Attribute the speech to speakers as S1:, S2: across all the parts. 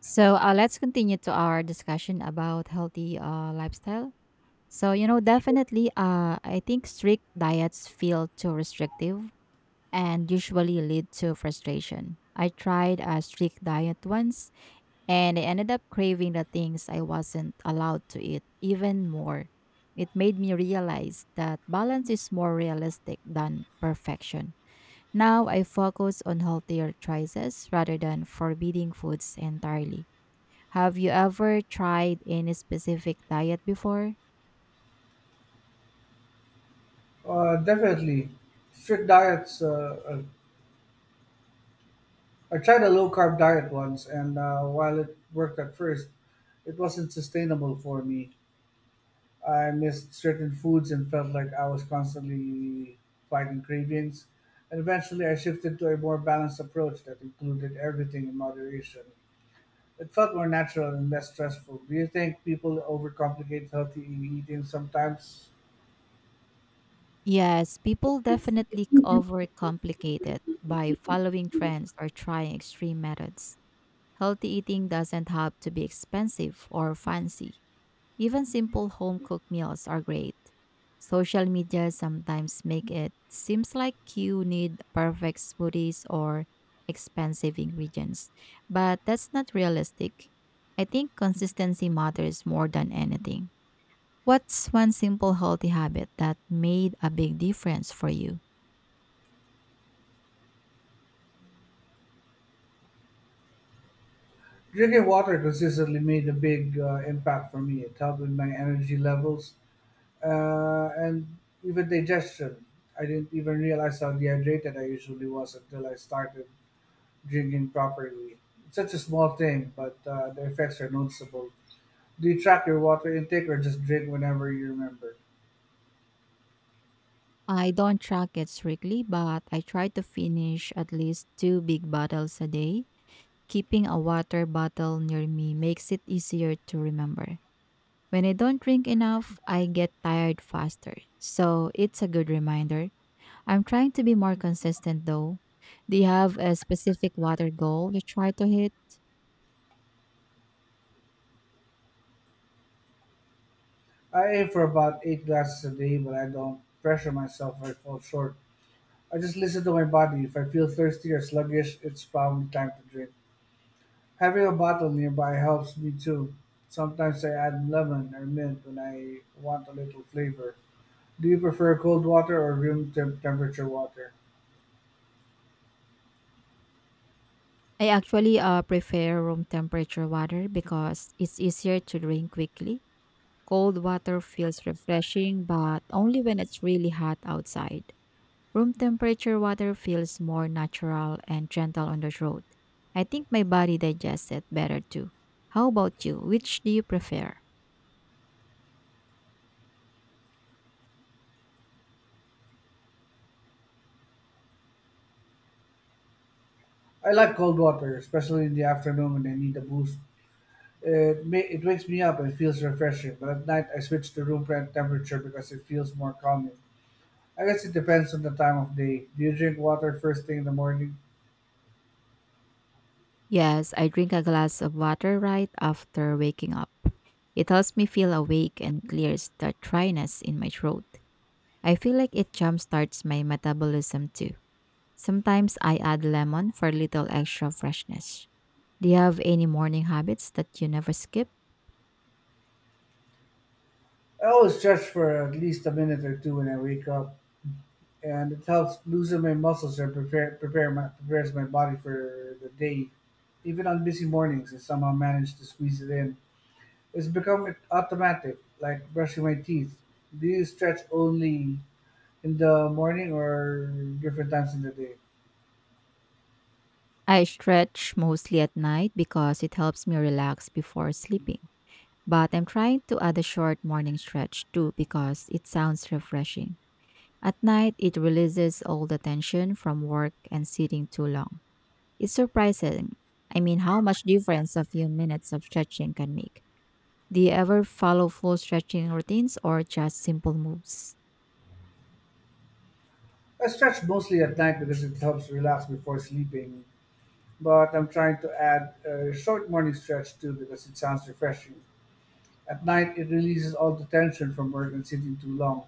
S1: Let's continue to our discussion about healthy lifestyle. Definitely, I think strict diets feel too restrictive and usually lead to frustration. I tried a strict diet once, and I ended up craving the things I wasn't allowed to eat even more. It made me realize that balance is more realistic than perfection. Now I focus on healthier choices rather than forbidding foods entirely. Have you ever tried any specific diet before?
S2: Definitely, strict diets. I tried a low carb diet once, and while it worked at first, it wasn't sustainable for me. I missed certain foods and felt like I was constantly fighting cravings. And eventually, I shifted to a more balanced approach that included everything in moderation. It felt more natural and less stressful. Do you think people overcomplicate healthy eating sometimes?
S1: Yes, people definitely overcomplicate it by following trends or trying extreme methods. Healthy eating doesn't have to be expensive or fancy. Even simple home cooked meals are great. Social media sometimes make it seems like you need perfect smoothies or expensive ingredients, but that's not realistic. I think consistency matters more than anything. What's one simple healthy habit that made a big difference for you?
S2: Drinking water consistently made a big impact for me. It helped with my energy levels and even digestion. I didn't even realize how dehydrated I usually was until I started drinking properly. It's such a small thing, but the effects are noticeable. Do you track your water intake or just drink whenever you remember?
S1: I don't track it strictly, but I try to finish at least two big bottles a day. Keeping a water bottle near me makes it easier to remember. When I don't drink enough, I get tired faster. So it's a good reminder. I'm trying to be more consistent though. Do you have a specific water goal you try to hit?
S2: I aim for about 8 glasses a day, but I don't pressure myself if I fall short. I just listen to my body. If I feel thirsty or sluggish, it's probably time to drink. Having a bottle nearby helps me too. Sometimes I add lemon or mint when I want a little flavor. Do you prefer cold water or temperature water?
S1: I actually prefer room temperature water because it's easier to drink quickly. Cold water feels refreshing, but only when it's really hot outside. Room temperature water feels more natural and gentle on the throat. I think my body digests it better too. How about you? Which do you prefer?
S2: I like cold water, especially in the afternoon when I need a boost. It wakes me up and feels refreshing, but at night I switch to temperature because it feels more calming. I guess it depends on the time of day. Do you drink water first thing in the morning?
S1: Yes, I drink a glass of water right after waking up. It helps me feel awake and clears the dryness in my throat. I feel like it jumpstarts my metabolism too. Sometimes I add lemon for a little extra freshness. Do you have any morning habits that you never skip?
S2: I always stretch for at least a minute or two when I wake up, and it helps loosen my muscles and prepares my body for the day. Even on busy mornings, I somehow manage to squeeze it in. It's become automatic, like brushing my teeth. Do you stretch only in the morning or different times in the day?
S1: I stretch mostly at night because it helps me relax before sleeping. But I'm trying to add a short morning stretch too because it sounds refreshing. At night, it releases all the tension from work and sitting too long. It's surprising. I mean, how much difference a few minutes of stretching can make. Do you ever follow full stretching routines or just simple moves?
S2: I stretch mostly at night because it helps relax before sleeping. But I'm trying to add a short morning stretch too because it sounds refreshing. At night, it releases all the tension from work and sitting too long.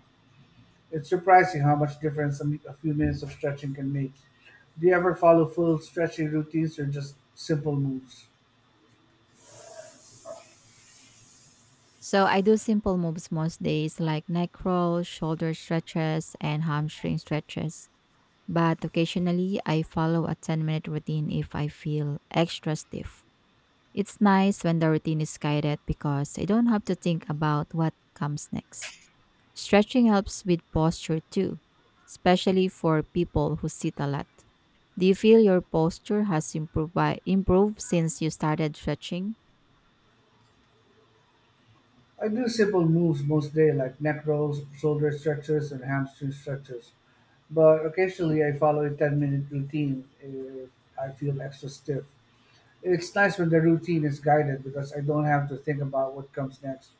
S2: It's surprising how much difference a few minutes of stretching can make. Do you ever follow full stretching routines or just simple moves?
S1: So I do simple moves most days like neck rolls, shoulder stretches, and hamstring stretches. But occasionally I follow a 10-minute routine if I feel extra stiff. It's nice when the routine is guided because I don't have to think about what comes next. Stretching helps with posture too, especially for people who sit a lot. Do you feel your posture has improved since you started stretching?
S2: I do simple moves most day, like neck rolls, shoulder stretches, and hamstring stretches. But occasionally I follow a 10-minute minute routine if I feel extra stiff. It's nice when the routine is guided because I don't have to think about what comes next.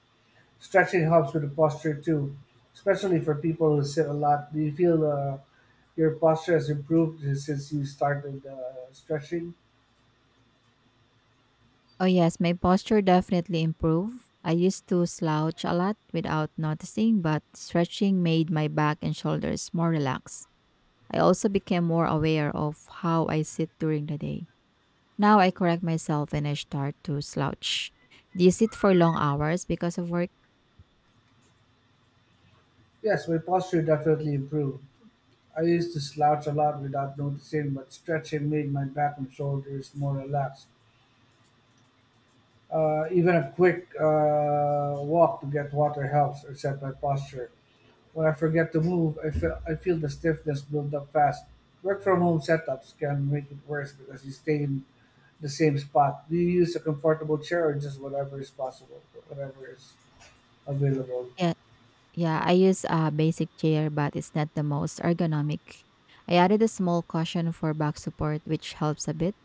S2: Stretching helps with the posture too, especially for people who sit a lot. Do you feel your posture has improved since you started stretching?
S1: Oh, yes, my posture definitely improved. I used to slouch a lot without noticing, but stretching made my back and shoulders more relaxed. I also became more aware of how I sit during the day. Now I correct myself when I start to slouch. Do you sit for long hours because of work?
S2: Yes, my posture definitely improved. I used to slouch a lot without noticing, but stretching made my back and shoulders more relaxed. Even a quick walk to get water helps reset my posture. When I forget to move, I feel the stiffness build up fast. Work from home setups can make it worse because you stay in the same spot. Do you use a comfortable chair or just whatever is available?
S1: Yes. Yeah, I use a basic chair, but it's not the most ergonomic. I added a small cushion for back support, which helps a bit.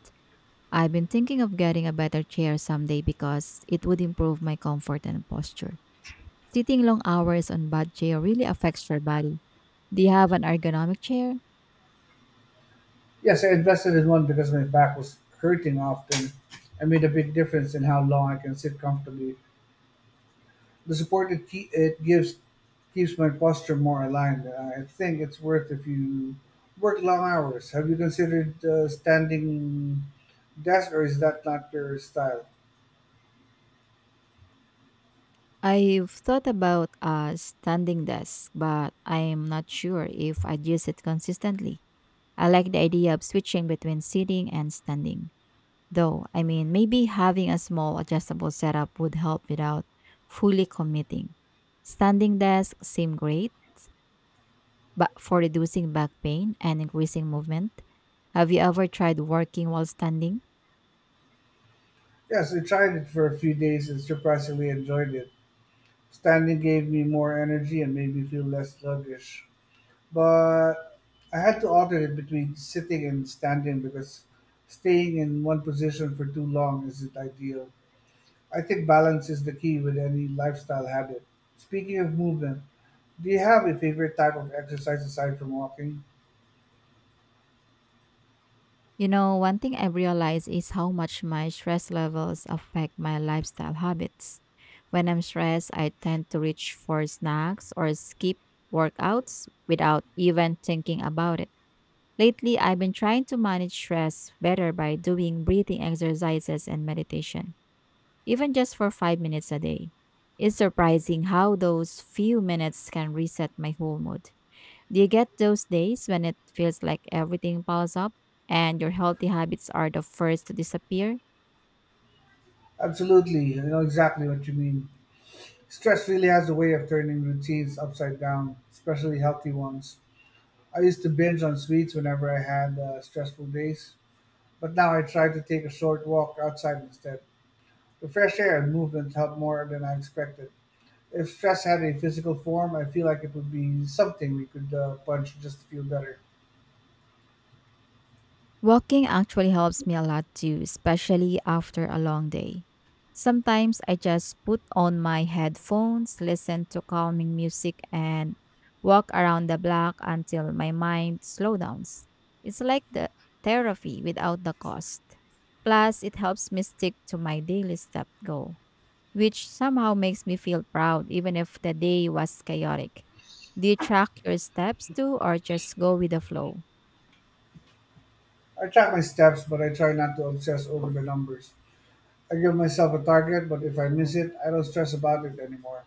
S1: I've been thinking of getting a better chair someday because it would improve my comfort and posture. Sitting long hours on bad chair really affects your body. Do you have an ergonomic chair?
S2: Yes, I invested in one because my back was hurting often. I made a big difference in how long I can sit comfortably. The support it gives keeps my posture more aligned. I think it's worth if you work long hours. Have you considered standing desk or is that not your style?
S1: I've thought about a standing desk, but I'm not sure if I'd use it consistently. I like the idea of switching between sitting and standing. Though, I mean, maybe having a small adjustable setup would help without fully committing. Standing desks seem great, but for reducing back pain and increasing movement, have you ever tried working while standing?
S2: Yes, I tried it for a few days and surprisingly enjoyed it. Standing gave me more energy and made me feel less sluggish. But I had to alternate between sitting and standing because staying in one position for too long isn't ideal. I think balance is the key with any lifestyle habit. Speaking of movement, do you have a favorite type of exercise aside from walking?
S1: You know, one thing I've realized is how much my stress levels affect my lifestyle habits. When I'm stressed, I tend to reach for snacks or skip workouts without even thinking about it. Lately, I've been trying to manage stress better by doing breathing exercises and meditation, even just for 5 minutes a day. It's surprising how those few minutes can reset my whole mood. Do you get those days when it feels like everything piles up and your healthy habits are the first to disappear?
S2: Absolutely, I know exactly what you mean. Stress really has a way of turning routines upside down, especially healthy ones. I used to binge on sweets whenever I had stressful days. But now I try to take a short walk outside instead. The fresh air and movement help more than I expected. If stress had a physical form, I feel like it would be something we could punch just to feel better.
S1: Walking actually helps me a lot too, especially after a long day. Sometimes I just put on my headphones, listen to calming music, and walk around the block until my mind slows down. It's like the therapy without the cost. Plus, it helps me stick to my daily step goal, which somehow makes me feel proud even if the day was chaotic. Do you track your steps too, or just go with the flow?
S2: I track my steps, but I try not to obsess over the numbers. I give myself a target, but if I miss it, I don't stress about it anymore.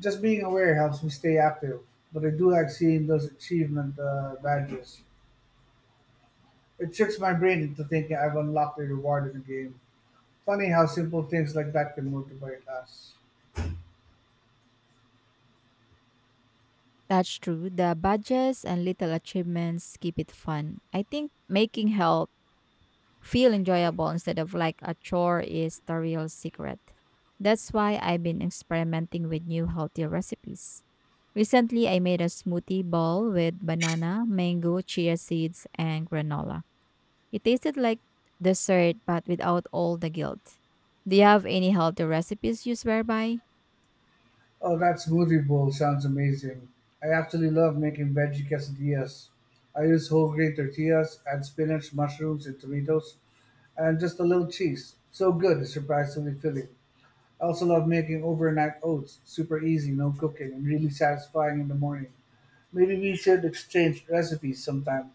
S2: Just being aware helps me stay active, but I do like seeing those achievement badges. It tricks my brain into thinking I've unlocked a reward in the game. Funny how simple things like that can motivate us.
S1: That's true. The badges and little achievements keep it fun. I think making help feel enjoyable instead of like a chore is the real secret. That's why I've been experimenting with new healthy recipes. Recently, I made a smoothie bowl with banana, mango, chia seeds, and granola. It tasted like dessert but without all the guilt. Do you have any healthy recipes you swear by?
S2: Oh, that smoothie bowl sounds amazing. I actually love making veggie quesadillas. I use whole grain tortillas, add spinach, mushrooms, and tomatoes, and just a little cheese. So good, it's surprisingly filling. I also love making overnight oats. Super easy, no cooking, and really satisfying in the morning. Maybe we should exchange recipes sometime.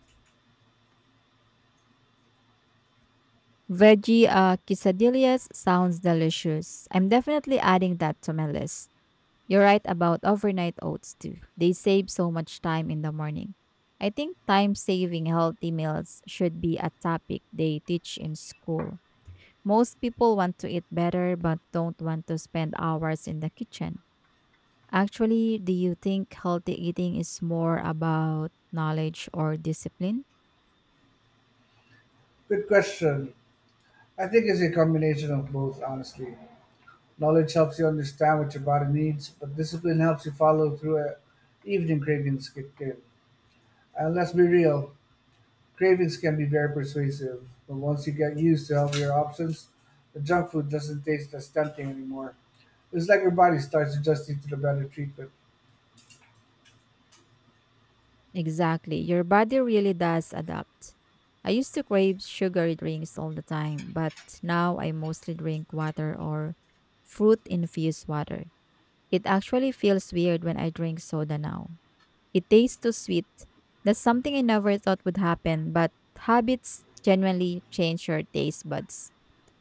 S1: Veggie quesadillas sounds delicious. I'm definitely adding that to my list. You're right about overnight oats too. They save so much time in the morning. I think time saving healthy meals should be a topic they teach in school. Most people want to eat better but don't want to spend hours in the kitchen. Actually, do you think healthy eating is more about knowledge or discipline?
S2: Good question. I think it's a combination of both, honestly. Knowledge helps you understand what your body needs, but discipline helps you follow through evening cravings kick in. And let's be real, cravings can be very persuasive, but once you get used to healthier options, the junk food doesn't taste as tempting anymore. It's like your body starts adjusting to the better treatment.
S1: Exactly. Your body really does adapt. I used to crave sugary drinks all the time, but now I mostly drink water or fruit infused water. It actually feels weird when I drink soda now. It tastes too sweet. That's something I never thought would happen, but habits genuinely change your taste buds.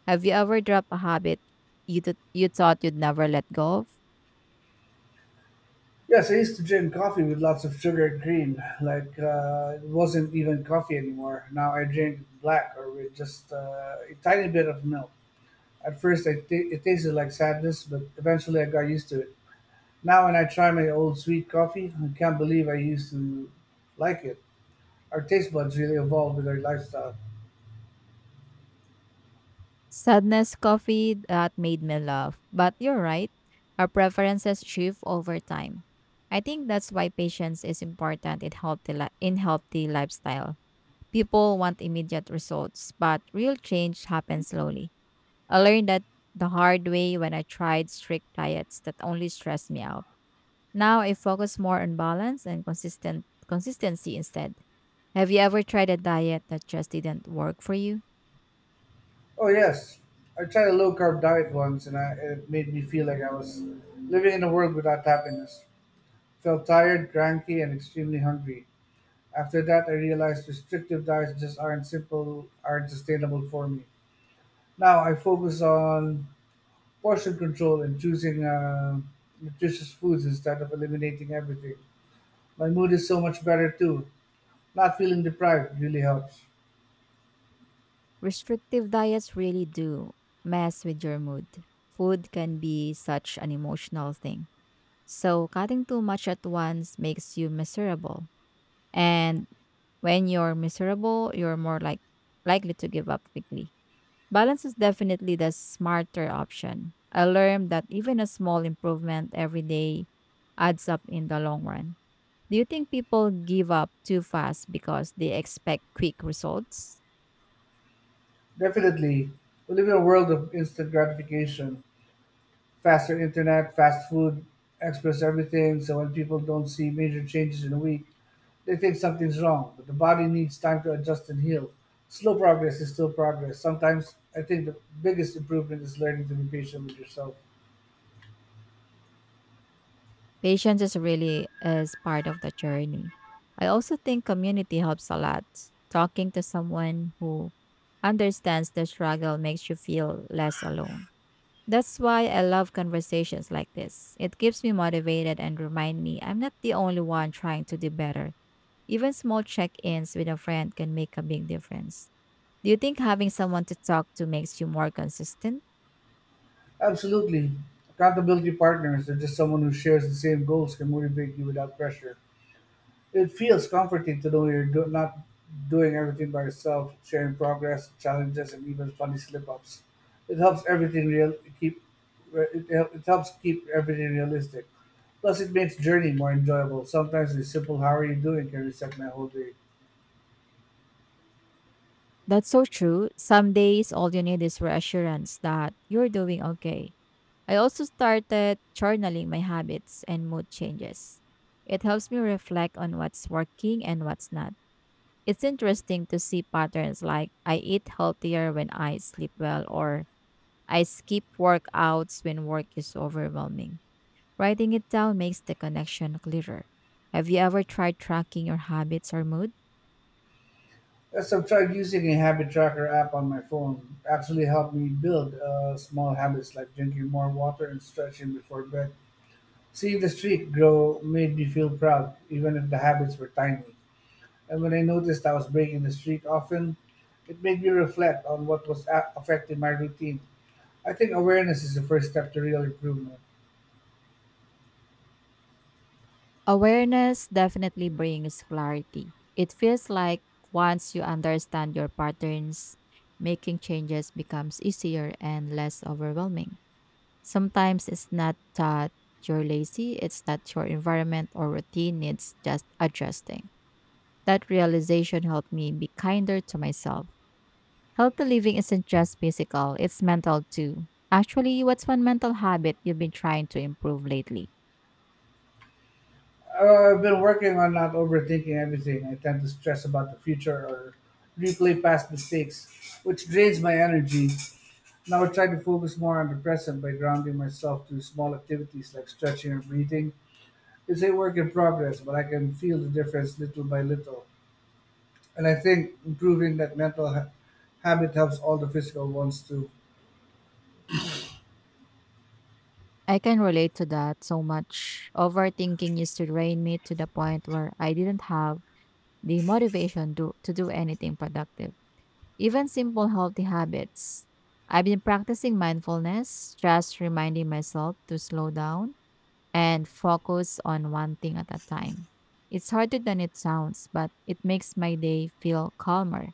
S1: Have you ever dropped a habit you thought you'd never let go of?
S2: Yes, I used to drink coffee with lots of sugar and cream. Like it wasn't even coffee anymore. Now I drink black or with just a tiny bit of milk. At first, it tasted like sadness, but eventually I got used to it. Now, when I try my old sweet coffee, I can't believe I used to like it. Our taste buds really evolve with our lifestyle.
S1: Sadness coffee that made me laugh. But you're right, our preferences shift over time. I think that's why patience is important in healthy lifestyle. People want immediate results, but real change happens slowly. I learned that the hard way when I tried strict diets that only stressed me out. Now I focus more on balance and consistent consistency instead. Have you ever tried a diet that just didn't work for you?
S2: Oh yes, I tried a low carb diet once, and it made me feel like I was living in a world without happiness. Felt tired, cranky, and extremely hungry. After that, I realized restrictive diets just aren't simple, aren't sustainable for me. Now I focus on portion control and choosing nutritious foods instead of eliminating everything. My mood is so much better too. Not feeling deprived really helps.
S1: Restrictive diets really do mess with your mood. Food can be such an emotional thing. So, cutting too much at once makes you miserable. And when you're miserable, you're more like likely to give up quickly. Balance is definitely the smarter option. I learned that even a small improvement every day adds up in the long run. Do you think people give up too fast because they expect quick results?
S2: Definitely. We live in a world of instant gratification. Faster internet, fast food, express everything. So when people don't see major changes in a week, they think something's wrong. But the body needs time to adjust and heal. Slow progress is still progress. Sometimes I think the biggest improvement is learning to be patient with yourself.
S1: Patience is really is part of the journey. I also think community helps a lot. Talking to someone who understands the struggle makes you feel less alone. That's why I love conversations like this. It keeps me motivated and remind me I'm not the only one trying to do better. Even small check-ins with a friend can make a big difference. Do you think having someone to talk to makes you more consistent?
S2: Absolutely. Accountability partners, they're just someone who shares the same goals, can motivate you without pressure. It feels comforting to know not doing everything by yourself, sharing progress, challenges, and even funny slip-ups. It helps everything real. Keep it helps keep everything realistic. Plus, it makes journey more enjoyable. Sometimes a simple "How are you doing?" can reset my whole day.
S1: That's so true. Some days, all you need is reassurance that you're doing okay. I also started journaling my habits and mood changes. It helps me reflect on what's working and what's not. It's interesting to see patterns like I eat healthier when I sleep well or I skip workouts when work is overwhelming. Writing it down makes the connection clearer. Have you ever tried tracking your habits or mood?
S2: Yes, I've tried using a habit tracker app on my phone. Actually, helped me build small habits like drinking more water and stretching before bed. Seeing the streak grow made me feel proud, even if the habits were tiny, and when I noticed I was breaking the streak often, it made me reflect on what was affecting my routine. I think awareness is the first step to real improvement.
S1: Awareness definitely brings clarity. It feels like once you understand your patterns, making changes becomes easier and less overwhelming. Sometimes it's not that you're lazy, it's that your environment or routine needs just adjusting. That realization helped me be kinder to myself. Healthy living isn't just physical, it's mental too. Actually, what's one mental habit you've been trying to improve lately?
S2: I've been working on not overthinking everything. I tend to stress about the future or replay past mistakes, which drains my energy. Now I try to focus more on the present by grounding myself to small activities like stretching or breathing. It's a work in progress, but I can feel the difference little by little, and I think improving that habit helps all the physical ones too.
S1: I can relate to that so much. Overthinking used to drain me to the point where I didn't have the motivation to do anything productive. Even simple healthy habits. I've been practicing mindfulness, just reminding myself to slow down and focus on one thing at a time. It's harder than it sounds, but it makes my day feel calmer.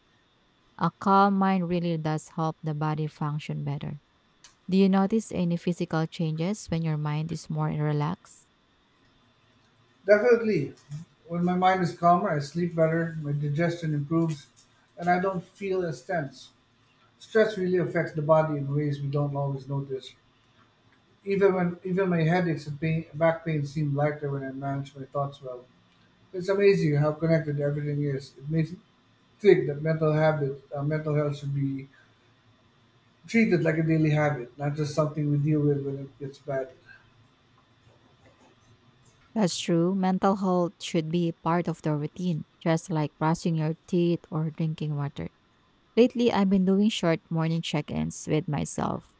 S1: A calm mind really does help the body function better. Do you notice any physical changes when your mind is more relaxed?
S2: Definitely, when my mind is calmer, I sleep better, my digestion improves, and I don't feel as tense. Stress really affects the body in ways we don't always notice. Even my headaches and back pain seem lighter when I manage my thoughts well. It's amazing how connected everything is. It makes me think that mental health should be treated like a daily habit, not just something we deal with when it gets bad.
S1: That's true. Mental health should be part of the routine, just like brushing your teeth or drinking water. Lately, I've been doing short morning check ins with myself,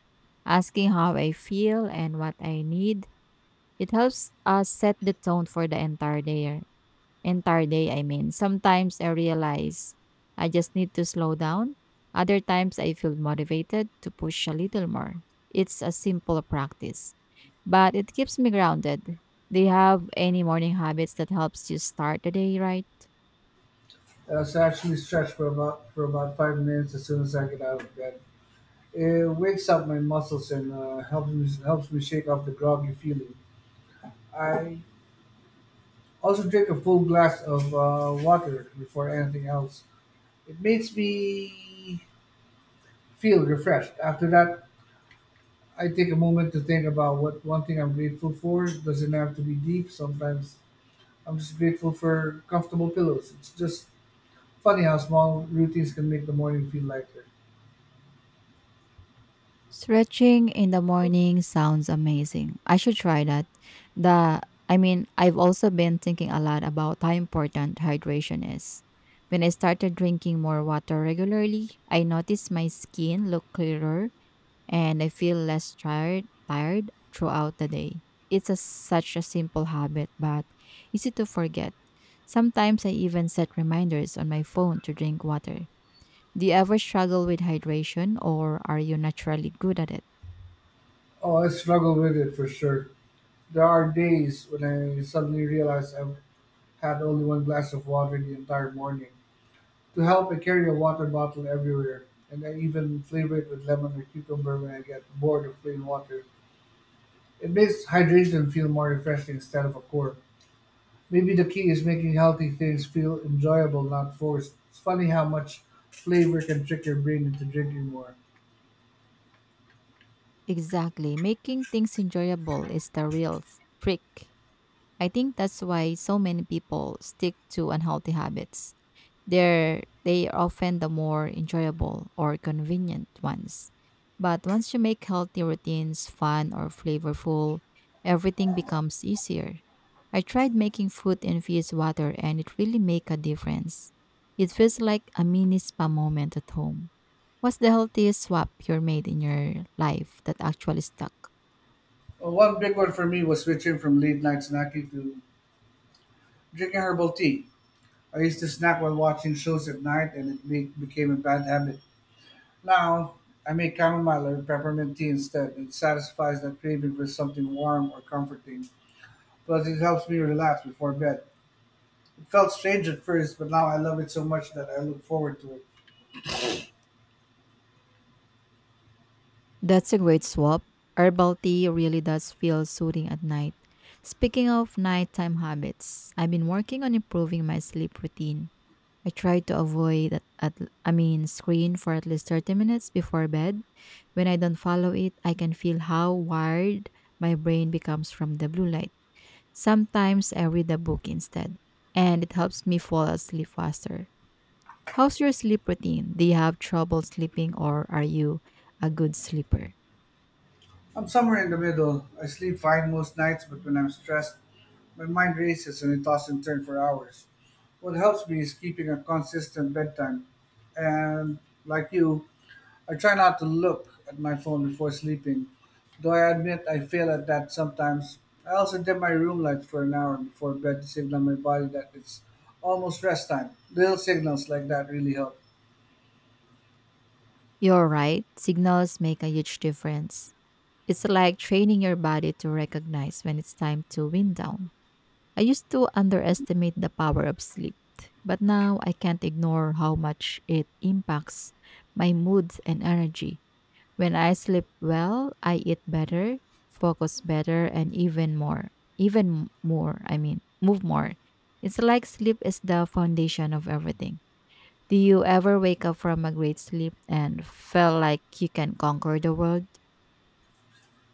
S1: asking how I feel and what I need. It helps us set the tone for the entire day. Entire day, I mean. Sometimes I realize I just need to slow down. Other times, I feel motivated to push a little more. It's a simple practice, but it keeps me grounded. Do you have any morning habits that helps you start the day right?
S2: So I was actually stretched for about 5 minutes as soon as I get out of bed. It wakes up my muscles and helps me shake off the groggy feeling. I also drink a full glass of water before anything else. It makes me feel refreshed. After that, I take a moment to think about what one thing I'm grateful for. It doesn't have to be deep. Sometimes I'm just grateful for comfortable pillows. It's just funny how small routines can make the morning feel lighter.
S1: Stretching in the morning sounds amazing. I should try that. The I've also been thinking a lot about how important hydration is. When I started drinking more water regularly, I noticed my skin look clearer and I feel less tired throughout the day. Such a simple habit, but easy to forget. Sometimes I even set reminders on my phone to drink water. Do you ever struggle with hydration or are you naturally good at it?
S2: Oh, I struggle with it for sure. There are days when I suddenly realize I've had only one glass of water the entire morning. To help, I carry a water bottle everywhere, and I even flavor it with lemon or cucumber when I get bored of plain water. It makes hydration feel more refreshing instead of a chore. Maybe the key is making healthy things feel enjoyable, not forced. It's funny how much flavor can trick your brain into drinking more.
S1: Exactly. Making things enjoyable is the real trick. I think that's why so many people stick to unhealthy habits. They are often the more enjoyable or convenient ones. But once you make healthy routines fun or flavorful, everything becomes easier. I tried making fruit infused water and it really make a difference. It feels like a mini spa moment at home. What's the healthiest swap you made in your life that actually stuck?
S2: Well, one big one for me was switching from late night snacking to drinking herbal tea. I used to snack while watching shows at night, and became a bad habit. Now, I make chamomile or peppermint tea instead. It satisfies that craving for something warm or comforting. Plus, it helps me relax before bed. It felt strange at first, but now I love it so much that I look forward to it.
S1: That's a great swap. Herbal tea really does feel soothing at night. Speaking of nighttime habits, I've been working on improving my sleep routine. I try to avoid at I mean screen for at least 30 minutes before bed. When I don't follow it, I can feel how wired my brain becomes from the blue light. Sometimes I read a book instead, and it helps me fall asleep faster. How's your sleep routine? Do you have trouble sleeping or are you a good sleeper?
S2: I'm somewhere in the middle. I sleep fine most nights, but when I'm stressed, my mind races and I toss and turn for hours. What helps me is keeping a consistent bedtime. And like you, I try not to look at my phone before sleeping, though I admit I fail at that sometimes. I also dim my room light for an hour before bed to signal my body that it's almost rest time. Little signals like that really help.
S1: You're right, signals make a huge difference. It's like training your body to recognize when it's time to wind down. I used to underestimate the power of sleep, but now I can't ignore how much it impacts my mood and energy. When I sleep well, I eat better, focus better, and even more, I mean, move more. It's like sleep is the foundation of everything. Do you ever wake up from a great sleep and feel like you can conquer the world?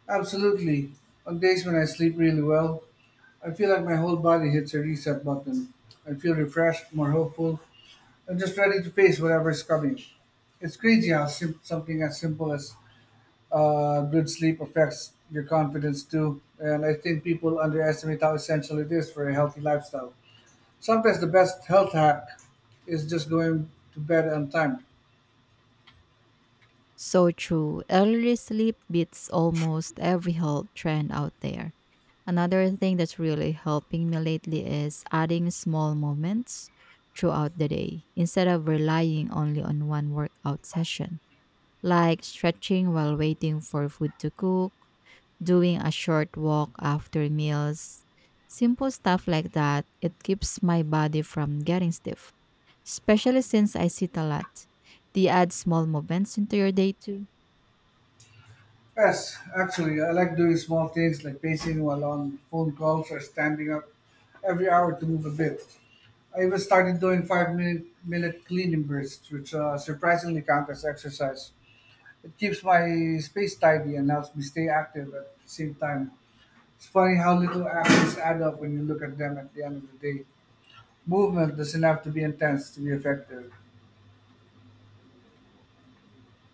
S2: Absolutely. On days when I sleep really well, I feel like my whole body hits a reset button. I feel refreshed, more hopeful, and just ready to face whatever's coming. It's crazy how something as simple as good sleep affects your confidence too. And I think people underestimate how essential it is for a healthy lifestyle. Sometimes the best health hack is just going to bed on time.
S1: So true. Early sleep beats almost every health trend out there. Another thing that's really helping me lately is adding small moments throughout the day instead of relying only on one workout session, like stretching while waiting for food to cook, doing a short walk after meals, simple stuff like that. It keeps my body from getting stiff, especially since I sit a lot. Do you add small movements into your day too?
S2: Yes, actually, I like doing small things like pacing while on phone calls or standing up every hour to move a bit. I even started doing five minute cleaning bursts, which surprisingly count as exercise. It keeps my space tidy and helps me stay active at the same time. It's funny how little actions add up when you look at them at the end of the day. Movement doesn't have to be intense to be effective.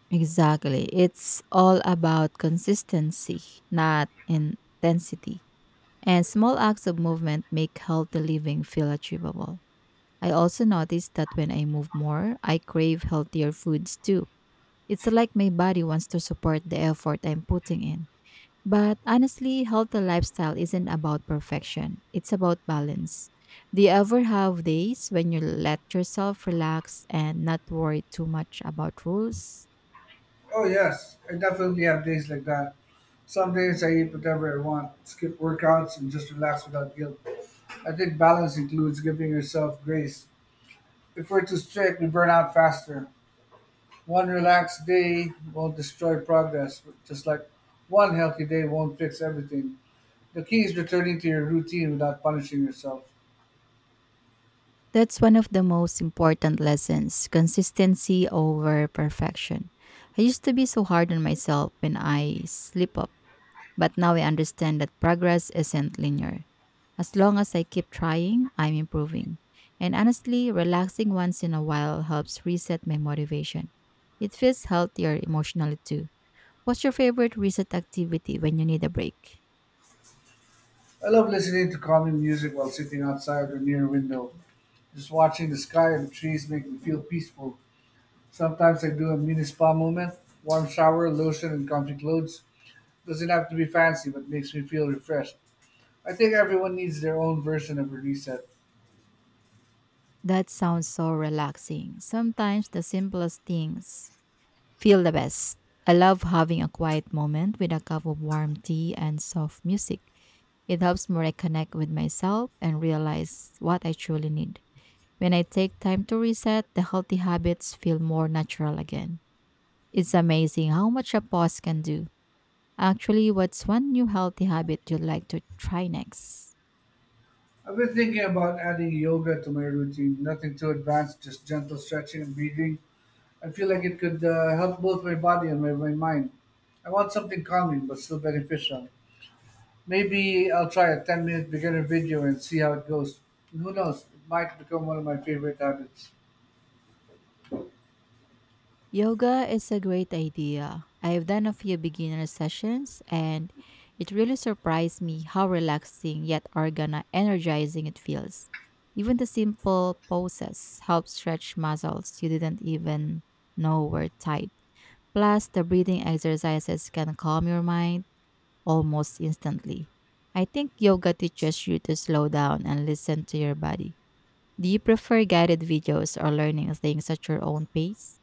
S1: Exactly. It's all about consistency, not intensity. And small acts of movement make healthy living feel achievable. I also noticed that when I move more, I crave healthier foods too. It's like my body wants to support the effort I'm putting in. But honestly, healthy lifestyle isn't about perfection. It's about balance. Do you ever have days when you let yourself relax and not worry too much about rules?
S2: Oh, yes, I definitely have days like that. Some days I eat whatever I want, skip workouts, and just relax without guilt. I think balance includes giving yourself grace. If we're too strict, we burn out faster. One relaxed day won't destroy progress, just like one healthy day won't fix everything. The key is returning to your routine without punishing yourself.
S1: That's one of the most important lessons, consistency over perfection. I used to be so hard on myself when I slip up. But now I understand that progress isn't linear. As long as I keep trying, I'm improving. And honestly, relaxing once in a while helps reset my motivation. It feels healthier emotionally too. What's your favorite reset activity when you need a break?
S2: I love listening to calming music while sitting outside or near a window. Just watching the sky and the trees make me feel peaceful. Sometimes I do a mini spa moment, warm shower, lotion, and comfy clothes. Doesn't have to be fancy, but makes me feel refreshed. I think everyone needs their own version of a reset.
S1: That sounds so relaxing. Sometimes the simplest things feel the best. I love having a quiet moment with a cup of warm tea and soft music. It helps me reconnect with myself and realize what I truly need. When I take time to reset, the healthy habits feel more natural again. It's amazing how much a pause can do. Actually, what's one new healthy habit you'd like to try next?
S2: I've been thinking about adding yoga to my routine. Nothing too advanced, just gentle stretching and breathing. I feel like it could help both my body and my mind. I want something calming but still beneficial. Maybe I'll try a 10-minute beginner video and see how it goes. Who knows, it might become one of my favorite habits.
S1: Yoga is a great idea. I've done a few beginner sessions and it really surprised me how relaxing yet organa energizing it feels. Even the simple poses help stretch muscles you didn't even know were tight. Plus, the breathing exercises can calm your mind almost instantly. I think yoga teaches you to slow down and listen to your body. Do you prefer guided videos or learning things at your own pace?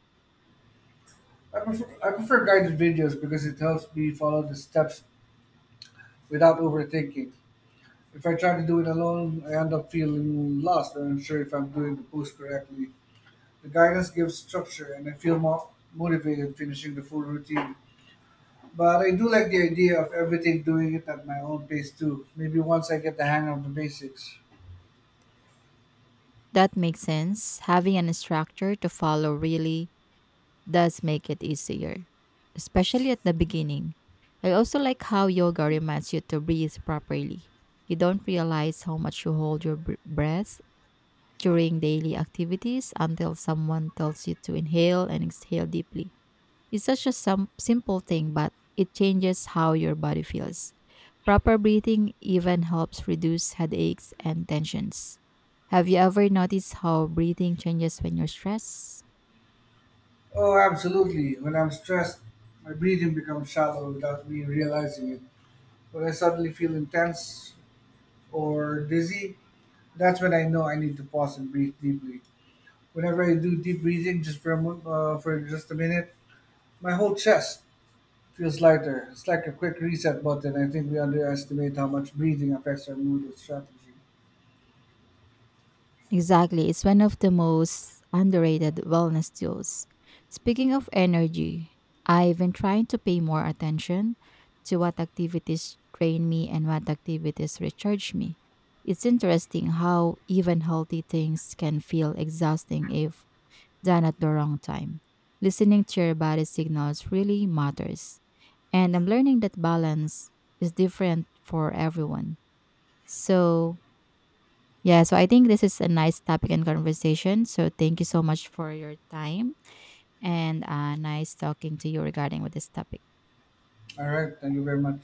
S2: I prefer guided videos because it helps me follow the steps without overthinking. If I try to do it alone, I end up feeling lost or unsure if I'm doing the pose correctly. The guidance gives structure and I feel more motivated finishing the full routine. But I do like the idea of everything doing it at my own pace too. Maybe once I get the hang of the basics.
S1: That makes sense. Having a structure to follow really does make it easier, especially at the beginning. I also like how yoga reminds you to breathe properly. You don't realize how much you hold your breath during daily activities until someone tells you to inhale and exhale deeply. It's such a simple thing, but it changes how your body feels. Proper breathing even helps reduce headaches and tensions. Have you ever noticed how breathing changes when you're stressed?
S2: Oh, absolutely. When I'm stressed, my breathing becomes shallow without me realizing it. When I suddenly feel intense or dizzy, that's when I know I need to pause and breathe deeply. Whenever I do deep breathing, just for just a minute, my whole chest feels lighter. It's like a quick reset button. I think we underestimate how much breathing affects our mood and strategy.
S1: Exactly, it's one of the most underrated wellness tools. Speaking of energy, I've been trying to pay more attention to what activities drain me and what activities recharge me. It's interesting how even healthy things can feel exhausting if than at the wrong time. Listening to your body signals really matters. And I'm learning that balance is different for everyone. So, yeah, so I think this is a nice topic and conversation. So, thank you so much for your time and nice talking to you regarding with this topic.
S2: All right, thank you very much.